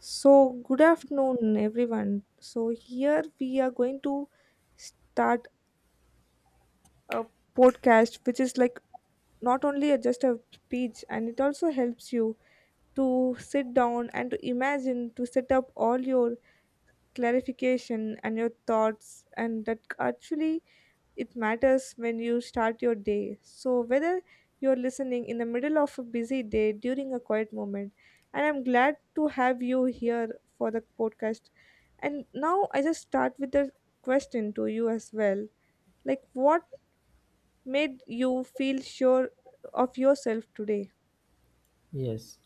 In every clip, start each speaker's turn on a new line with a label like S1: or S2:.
S1: So, good afternoon, everyone. So, here we are going to start a podcast which is like not only just a speech, and it also helps you to sit down and to imagine, to set up all your clarification and your thoughts, and that actually it matters when you start your day. So, whether you're listening in the middle of a busy day during a quiet moment, and I'm glad to have you here for the podcast. And now I just start with a question to you as well. Like, what made you feel sure of yourself today?
S2: Yes,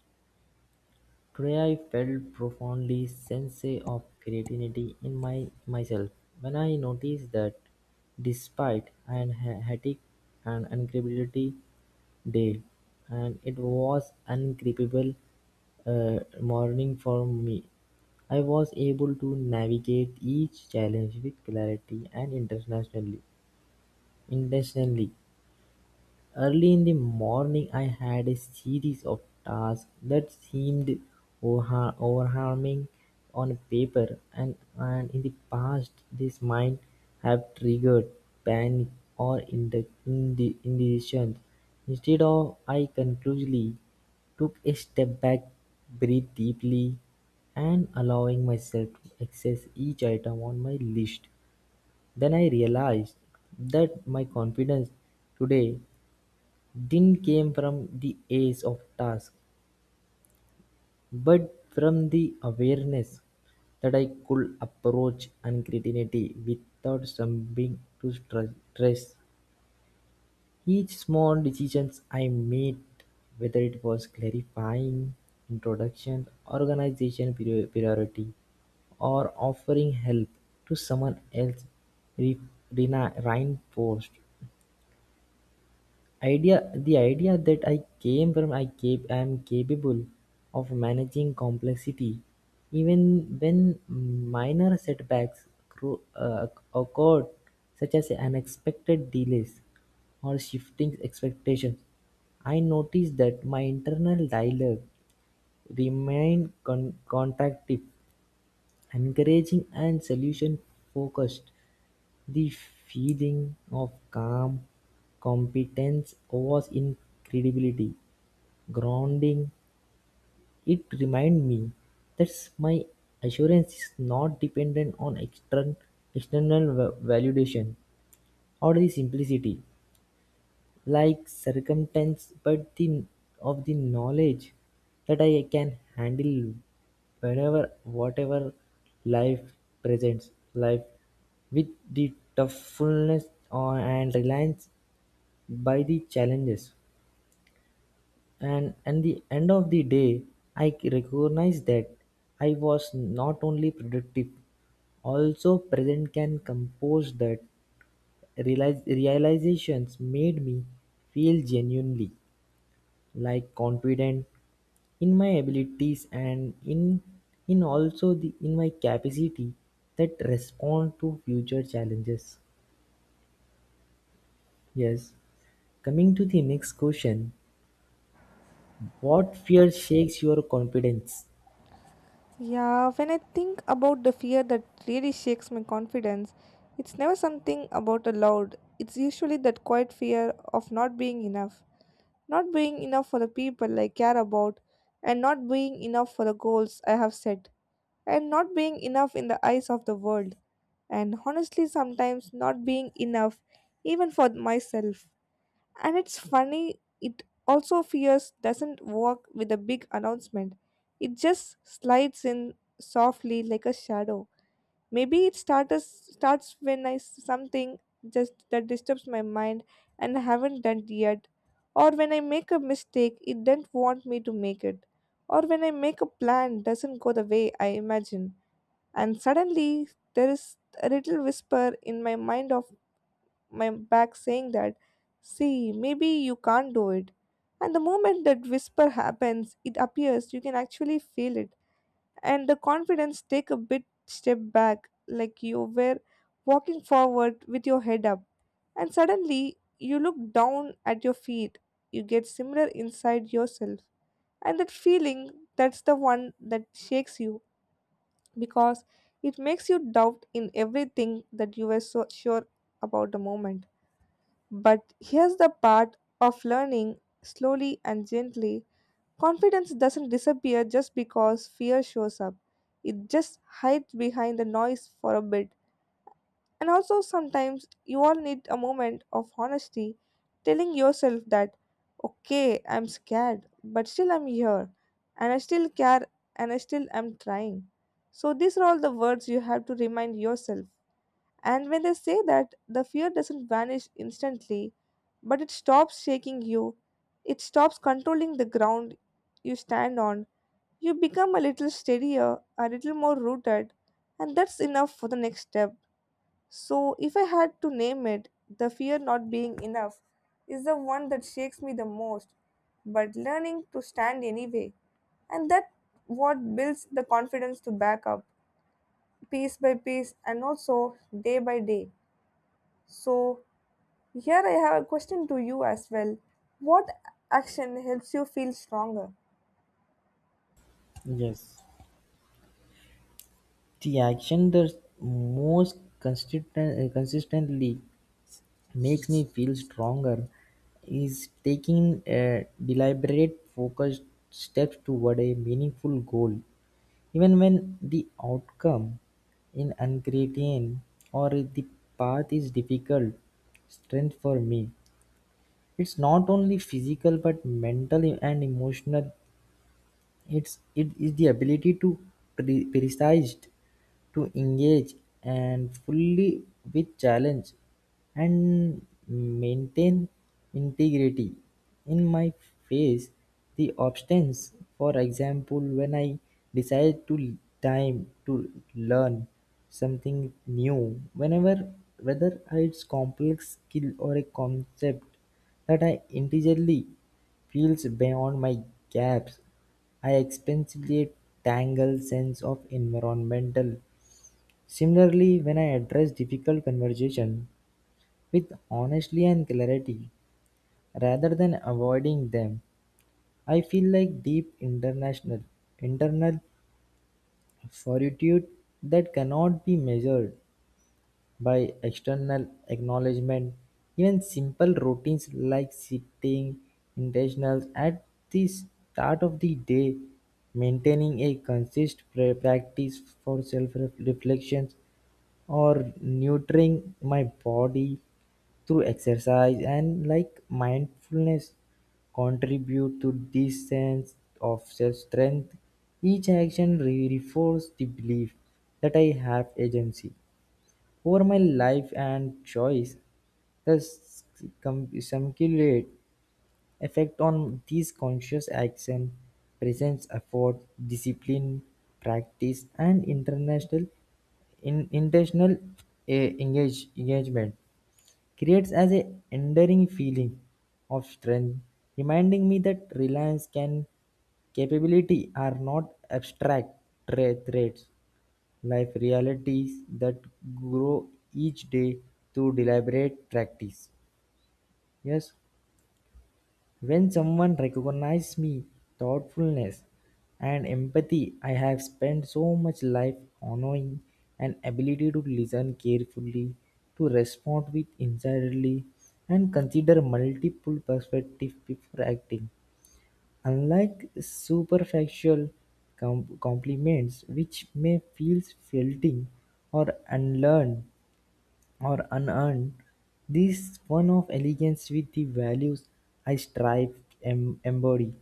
S2: today I felt profoundly sense of creativity in my myself when I noticed that despite hectic and incredibility day, and it was uncreepable morning for me. I was able to navigate each challenge with clarity and intentionally. Early in the morning I had a series of tasks that seemed overwhelming on paper, and in the past this might have triggered panic or in the indecision. Instead of I conclusively took a step back, breathed deeply, and allowing myself to access each item on my list. Then I realized that my confidence today didn't come from the ace of task, but from the awareness that I could approach uncertainty without succumbing to stress. Each small decisions I made, whether it was clarifying introduction, organization priority, or offering help to someone else, re- reinforced Idea the idea that I came from I am capable of managing complexity, even when minor setbacks occurred, such as unexpected delays or shifting expectations. I noticed that my internal dialogue remained contractive, encouraging, and solution focused. The feeling of calm competence was incredibly grounding; it reminded me that my assurance is not dependent on external validation or the simplicity like circumstance but the of the knowledge that I can handle whenever whatever life presents life with the toughness or and reliance by the challenges, and at the end of the day I recognize that I was not only productive also present can compose that realizations made me feel genuinely like confident in my abilities and in also the in my capacity that respond to future challenges. Yes, coming to the next question, what fear shakes your confidence?
S1: Yeah, when I think about the fear that really shakes my confidence, it's never something about a loud. It's usually that quiet fear of not being enough. Not being enough for the people I care about, and not being enough for the goals I have set, and not being enough in the eyes of the world, and honestly, sometimes not being enough even for myself. And it's funny, it also fears doesn't work with a big announcement, it just slides in softly like a shadow. Maybe it starts when something just that disturbs my mind and I haven't done yet, or when I make a mistake it doesn't want me to make it, or when I make a plan doesn't go the way I imagine, and suddenly there is a little whisper in my mind of my back saying that, see, maybe you can't do it. And the moment that whisper happens, it appears you can actually feel it, and the confidence take a bit step back, like you were walking forward with your head up and suddenly you look down at your feet, you get similar inside yourself, and that feeling, that's the one that shakes you, because it makes you doubt in everything that you were so sure about the moment. But here's the part of learning, slowly and gently. Confidence doesn't disappear just because fear shows up. It just hides behind the noise for a bit. And also, sometimes you all need a moment of honesty, telling yourself that, okay, I'm scared, but still I'm here, and I still care, and I still am trying. So, these are all the words you have to remind yourself. And when they say that, the fear doesn't vanish instantly, but it stops shaking you, it stops controlling the ground you stand on, you become a little steadier, a little more rooted, and that's enough for the next step. So, if I had to name it, the fear not being enough is the one that shakes me the most, but learning to stand anyway. And that what builds the confidence to back up piece by piece and also day by day. So, here I have a question to you as well. What action helps you feel stronger?
S2: Yes, the action that consistently makes me feel stronger is taking a deliberate focused steps toward a meaningful goal. Even when the outcome in ingredient or the path is difficult, strength for me, it's not only physical but mental and emotional. It is the ability to precise to engage and fully with challenge and maintain integrity in my face the obstacles. For example, when I decide to time to learn something new whenever whether it's complex skill or a concept that I intelligently feels beyond my gaps, I explicitly tangle sense of environmental. Similarly, when I address difficult conversation with honesty and clarity, rather than avoiding them, I feel like deep international internal fortitude that cannot be measured. By external acknowledgement, even simple routines like setting intentions at the start of the day, maintaining a consistent practice for self-reflection, or nurturing my body through exercise and like mindfulness contribute to this sense of self-strength. Each action reinforces the belief that I have agency over my life and choice, the cum- cumulative effect on these conscious action, presence, effort, discipline, practice, and intentional engagement creates as a enduring feeling of strength, reminding me that reliance can capability are not abstract traits. Life realities that grow each day through deliberate practice. Yes, when someone recognizes me, thoughtfulness and empathy, I have spent so much life honoring an ability to listen carefully, to respond with insightly, and consider multiple perspectives before acting. Unlike superficial compliments, which may feel fleeting or unearned, this one of elegance with the values I strive embody,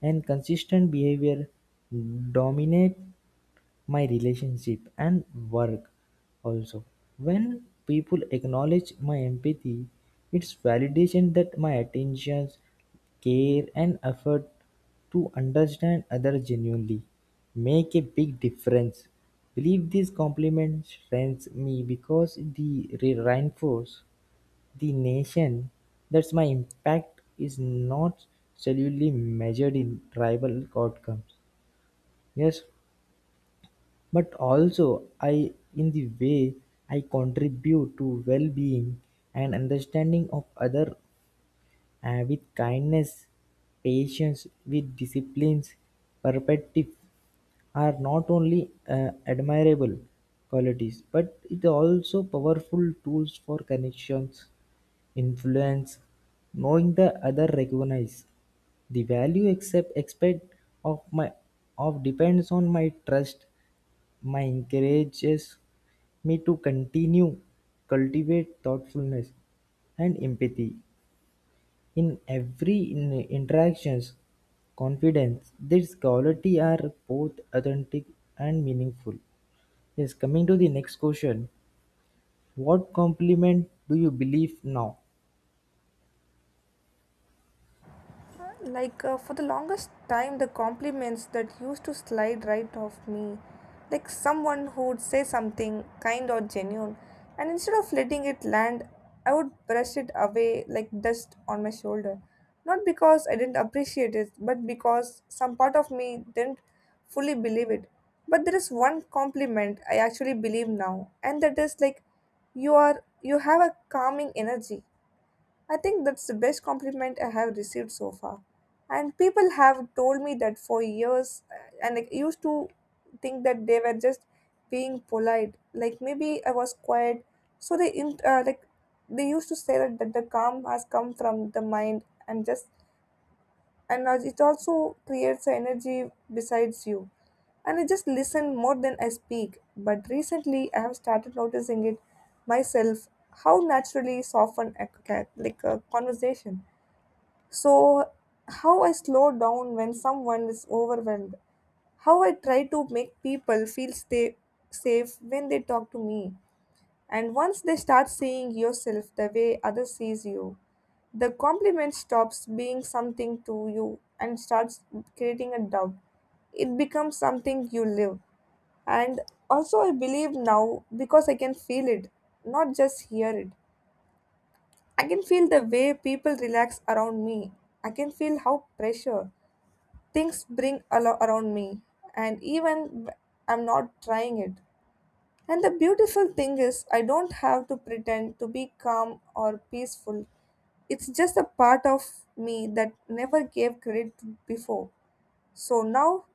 S2: and consistent behavior dominate my relationship and work also. When people acknowledge my empathy, it's validation that my attentions, care and effort to understand others genuinely make a big difference. Believe this compliment strengthens me because the reinforce the nation that my impact is not solely measured in tribal outcomes. Yes, but also I in the way I contribute to well-being and understanding of other with kindness, patience, with disciplines, perspective are not only admirable qualities but it also powerful tools for connections, influence, knowing the other recognize the value except expect of my of depends on my trust my encourages me to continue cultivate thoughtfulness and empathy in every interactions. Confidence these quality are both authentic and meaningful. Yes, coming to the next question, what compliment do you believe now?
S1: Like, for the longest time, the compliments that used to slide right off me, like someone who would say something kind or genuine, and instead of letting it land, I would brush it away like dust on my shoulder. Not because I didn't appreciate it, but because some part of me didn't fully believe it. But there is one compliment I actually believe now, and that is like, you are, you have a calming energy. I think that's the best compliment I have received so far. And people have told me that for years, and I used to think that they were just being polite. Like maybe I was quiet, so they like, they used to say that, that the calm has come from the mind and just, and as it also creates energy besides you, and I just listen more than I speak. But recently I have started noticing it myself, how naturally soften like a conversation. So how I slow down when someone is overwhelmed, how I try to make people feel stay safe when they talk to me. And once they start seeing yourself the way others sees you, the compliment stops being something to you and starts creating a doubt. It becomes something you live. And also, I believe now because I can feel it, not just hear it. I can feel the way people relax around me. I can feel how pressure things bring around me. And even I'm not trying it. And the beautiful thing is, I don't have to pretend to be calm or peaceful. It's just a part of me that never gave credit to before. So now,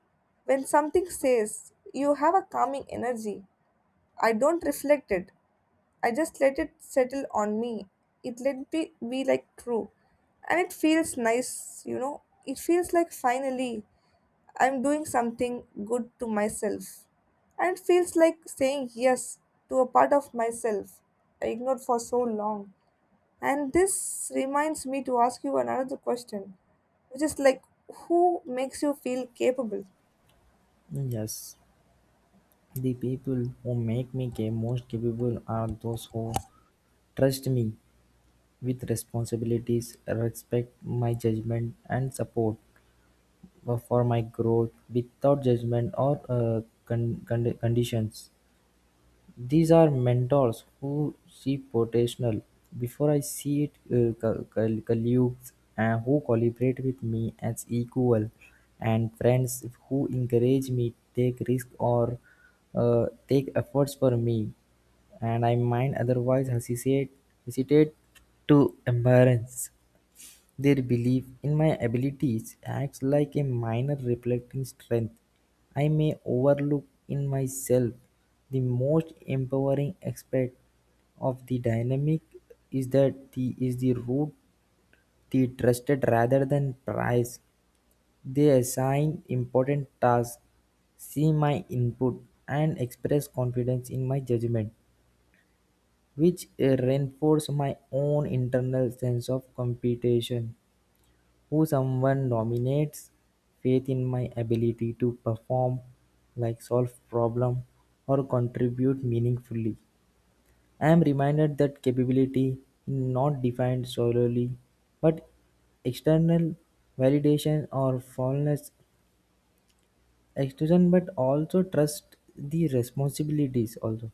S1: when something says, you have a calming energy, I don't reflect it. I just let it settle on me. It let be like true. And it feels nice, you know. It feels like finally I'm doing something good to myself. And it feels like saying yes to a part of myself I ignored for so long. And this reminds me to ask you another question, which is like, who makes you feel capable?
S2: Yes, the people who make me most capable are those who trust me with responsibilities, respect my judgment, and support for my growth without judgment or conditions. These are mentors who see potential before I see it, colleagues who collaborate with me as equal, and friends who encourage me take risk or take efforts for me, and I might otherwise hesitate to embarrass. Their belief in my abilities acts like a minor reflecting strength. I may overlook in myself. The most empowering aspect of the dynamic is that the is the root they trusted rather than prize. They assign important tasks, see my input, and express confidence in my judgment, which reinforce my own internal sense of competition. Who someone nominates faith in my ability to perform, like solve problem or contribute meaningfully. I am reminded that capability is not defined solely but external validation or fallenness extrusion but also trust the responsibilities also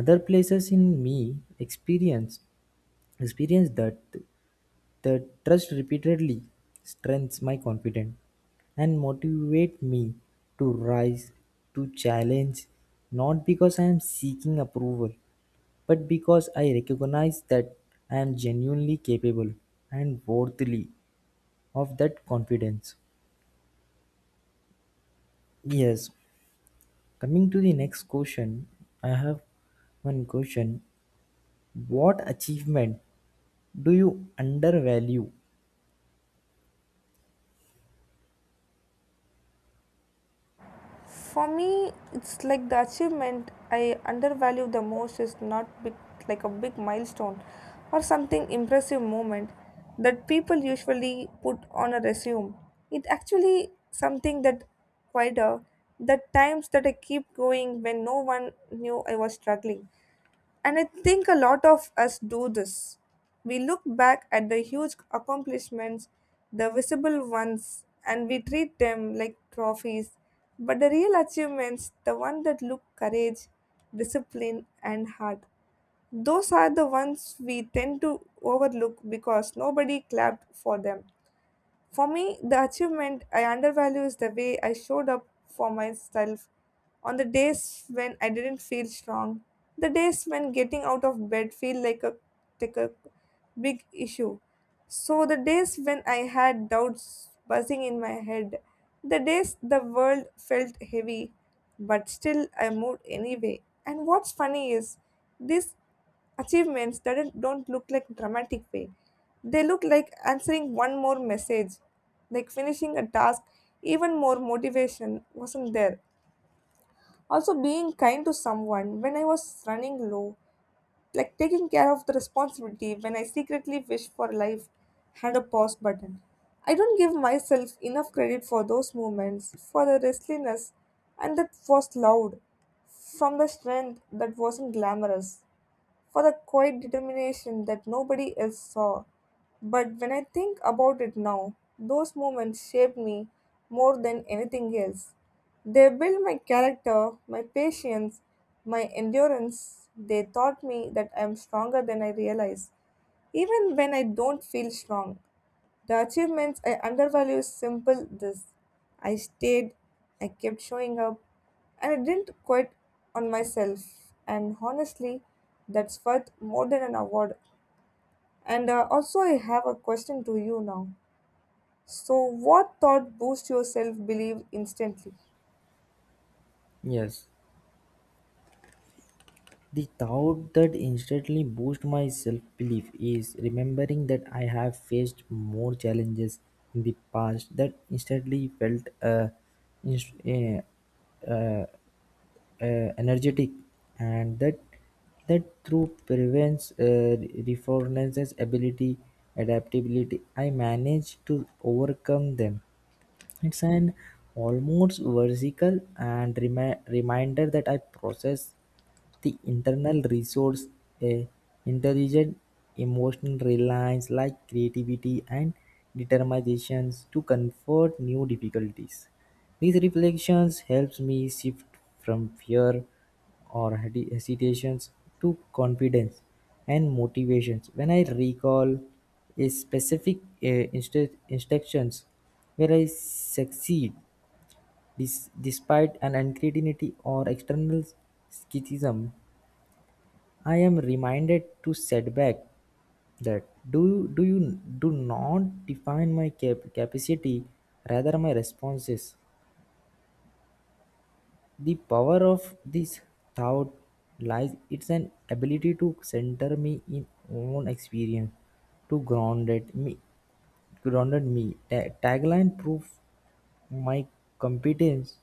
S2: other places in me experience that the trust repeatedly strengthens my confidence and motivates me to rise to challenge, not because I am seeking approval but because I recognize that I am genuinely capable and worthy of that confidence. Yes, coming to the next question, I have one question. What achievement do you undervalue?
S1: For me, it's like the achievement I undervalue the most is not big, like a big milestone or something impressive moment that people usually put on a resume. It actually something that quieter, the times that I keep going when no one knew I was struggling. And I think a lot of us do this. We look back at the huge accomplishments, the visible ones, and we treat them like trophies. But the real achievements, the ones that look courage, discipline, and heart, those are the ones we tend to overlook because nobody clapped for them. For me, the achievement I undervalue is the way I showed up for myself on the days when I didn't feel strong, the days when getting out of bed feel like a big issue. So the days when I had doubts buzzing in my head, the days the world felt heavy, but still I moved anyway. And what's funny is this achievements that don't look like dramatic way. They look like answering one more message, like finishing a task, even more motivation wasn't there. Also, being kind to someone when I was running low, like taking care of the responsibility when I secretly wish for life had a pause button. I don't give myself enough credit for those moments, for the restlessness, and that was loud, from the strength that wasn't glamorous, for the quiet determination that nobody else saw. But when I think about it now, those moments shaped me more than anything else. They built my character, my patience, my endurance. They taught me that I am stronger than I realize, even when I don't feel strong. The achievements I undervalue is simple this. I stayed, I kept showing up, and I didn't quit on myself. And honestly, that's worth more than an award. And also, I have a question to you now. So, what thought boosts your self belief instantly?
S2: Yes, the thought that instantly boosts my self belief is remembering that I have faced more challenges in the past that instantly felt inst- uh, uh, uh, energetic and that through prevents reformance's ability adaptability I manage to overcome them. It's an almost vertical and reminder that I process the internal resource, a intelligent emotional reliance like creativity and determinations to confront new difficulties. These reflections helps me shift from fear or hesitations to confidence and motivations. When I recall a specific instructions where I succeed despite an uncertainty or external skepticism, I am reminded to set back that do you do not define my capacity rather my responses. The power of this thought lies its an ability to center me in own experience, to grounded me. Tagline proof my competence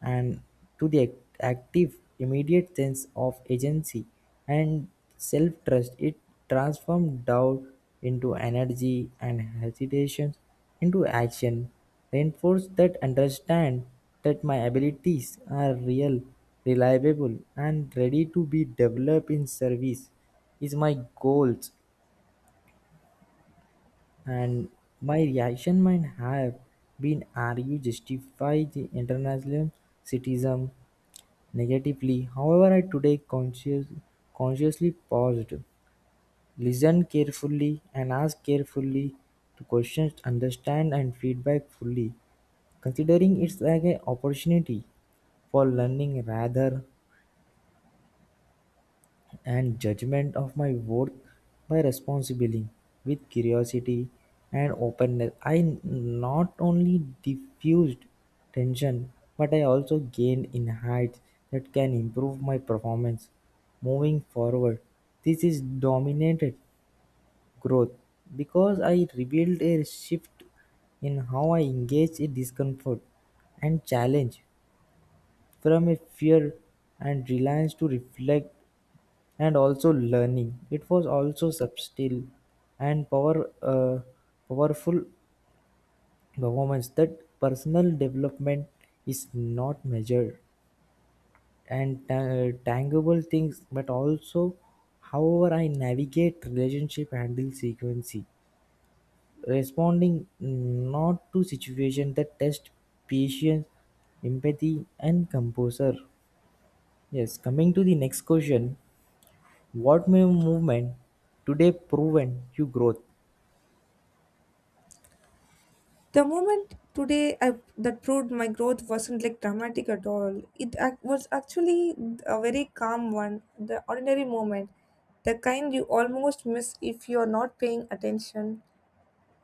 S2: and to the active, immediate sense of agency and self trust. It transforms doubt into energy and hesitations into action, reinforce that understand that my abilities are real, reliable, and ready to be developed in service is my goals, and my reaction might have been argue justify the international citizen negatively. However, I today consciously paused, listened carefully, and asked carefully to questions, understand, and feedback fully, considering it's like an opportunity for learning rather and judgment of my worth by responsibly with curiosity and openness. I not only diffused tension but I also gained insights that can improve my performance moving forward. This is dominated growth because I revealed a shift in how I engage in discomfort and challenge from a fear and reliance to reflect and also learning. It was also subtle and powerful performance that personal development is not measured and tangible things, but also however I navigate relationship handle frequency, responding not to situation that test patience, empathy, and composure. Yes, coming to the next question, what may movement today proven you growth?
S1: The moment today I, that proved my growth wasn't like dramatic at all. It was actually a very calm one, the ordinary moment, the kind you almost miss if you're not paying attention.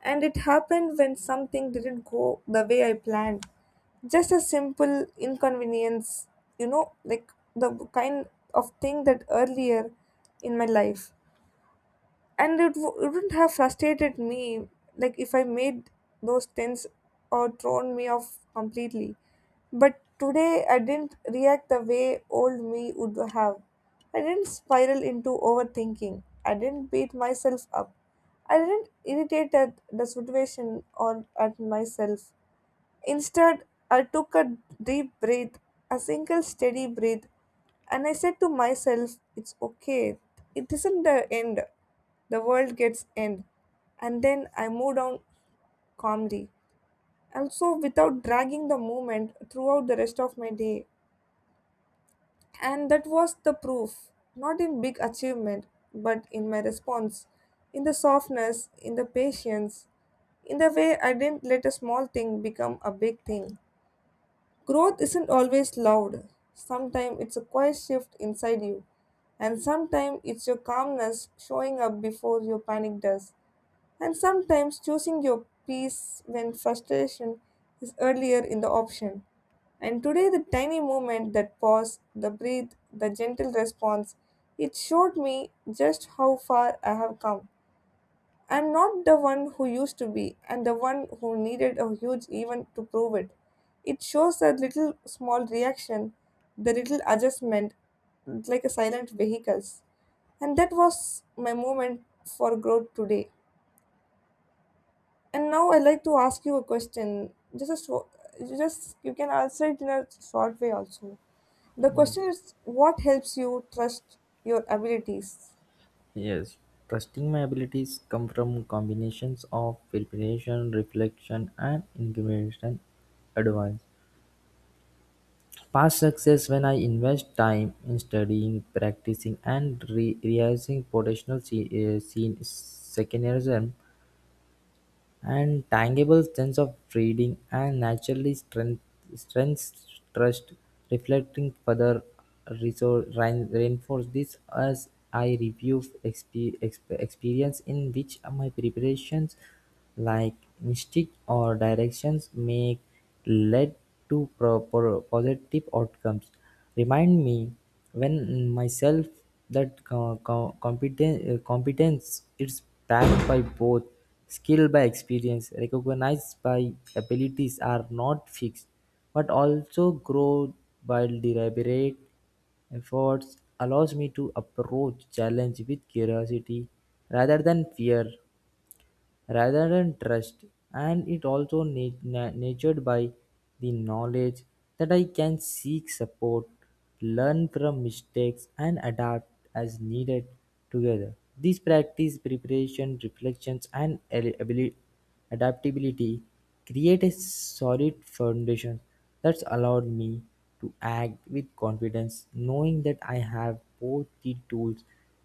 S1: And it happened when something didn't go the way I planned. Just a simple inconvenience, you know, like the kind of thing that earlier in my life, and wouldn't have frustrated me, like if I made those things or thrown me off completely. But today I didn't react the way old me would have. I didn't spiral into overthinking, I didn't beat myself up, I didn't irritate at the situation or at myself. Instead, I took a deep breath, a single steady breath, and I said to myself, it's okay. It isn't the end. The world gets end. And then I moved on calmly. And so without dragging the moment throughout the rest of my day. And that was the proof, not in big achievement, but in my response, in the softness, in the patience, in the way I didn't let a small thing become a big thing. Growth isn't always loud. Sometimes it's a quiet shift inside you, and sometimes it's your calmness showing up before your panic does, and sometimes choosing your peace when frustration is earlier in the option. And today, the tiny movement, that pause, the breathe, the gentle response, it showed me just how far I have come. I'm not the one who used to be, and the one who needed a huge event to prove it. It shows that little small reaction, the little adjustment, like a silent vehicles. And that was my moment for growth today. And now I'd like to ask you a question. Just you can answer it in a short way also. The question
S2: Yes.
S1: is, what helps you trust your abilities?
S2: Yes. Trusting my abilities come from combinations of preparation, reflection, and incremental advance. Past success when I invest time in studying, practicing, and realizing potential seen secondary and tangible sense of reading and naturally strength trust reflecting further reinforce this as I review experience in which my preparations like mystic or directions make led to positive outcomes remind me when myself that competence is backed by both skill by experience, recognized by abilities are not fixed, but also grow while deliberate efforts allows me to approach challenge with curiosity rather than trust, and it also nurtured by the knowledge that I can seek support, learn from mistakes, and adapt as needed together. These practice, preparation, reflections, and adaptability create a solid foundation that's allowed me to act with confidence, knowing that I have both the tools,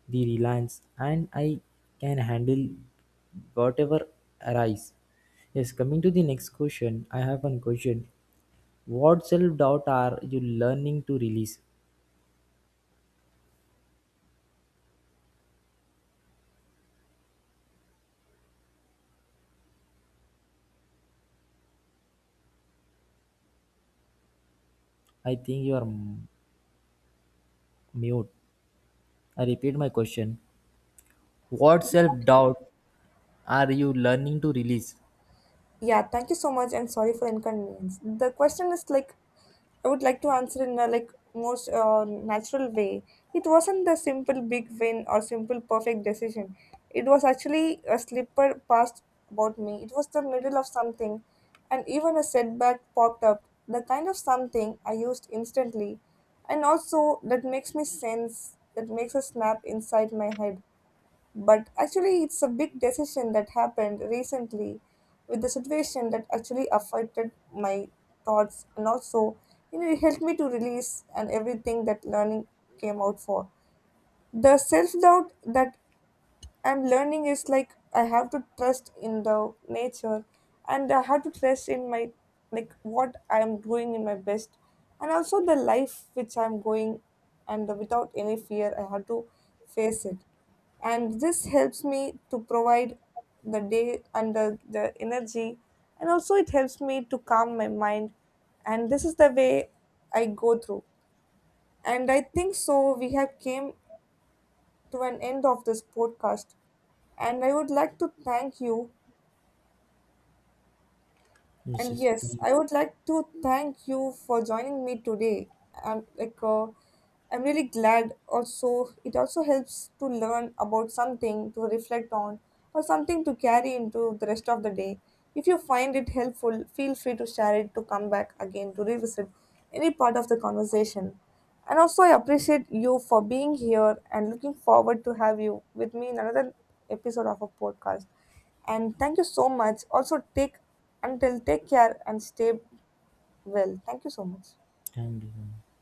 S2: the reliance, and I can handle whatever arise. Yes, coming to the next question, I have one question. What self doubt are you learning to release? I think you are mute. I repeat my question. What self doubt are you learning to release?
S1: Yeah, thank you so much, and sorry for inconvenience. The question is like, I would like to answer in a like most natural way. It wasn't the simple big win or simple perfect decision. It was actually a slipper passed about me. It was the middle of something, and even a setback popped up. The kind of something I used instantly, and also that makes me sense. That makes a snap inside my head. But actually, it's a big decision that happened recently with the situation that actually affected my thoughts, and also, you know, it helped me to release and everything that learning came out for. The self doubt that and learning is like, I have to trust in the nature, and I have to trust in my, like, what I am doing in my best, and also the life which I'm going, and without any fear I have to face it. And this helps me to provide the day and the energy, and also it helps me to calm my mind. And this is the way I go through. And I think so we have came to an end of this podcast. And I would like to thank you,
S2: Yes,
S1: and
S2: yes.
S1: yes, I would like to thank you for joining me today. I'm like I'm really glad, also it also helps to learn about something to reflect on or something to carry into the rest of the day. If you find it helpful, feel free to share it, to come back again to revisit any part of the conversation. And also I appreciate you for being here and looking forward to have you with me in another episode of a podcast. And thank you so much. Also, take, until take care and stay well. Thank you so much.
S2: Thank you.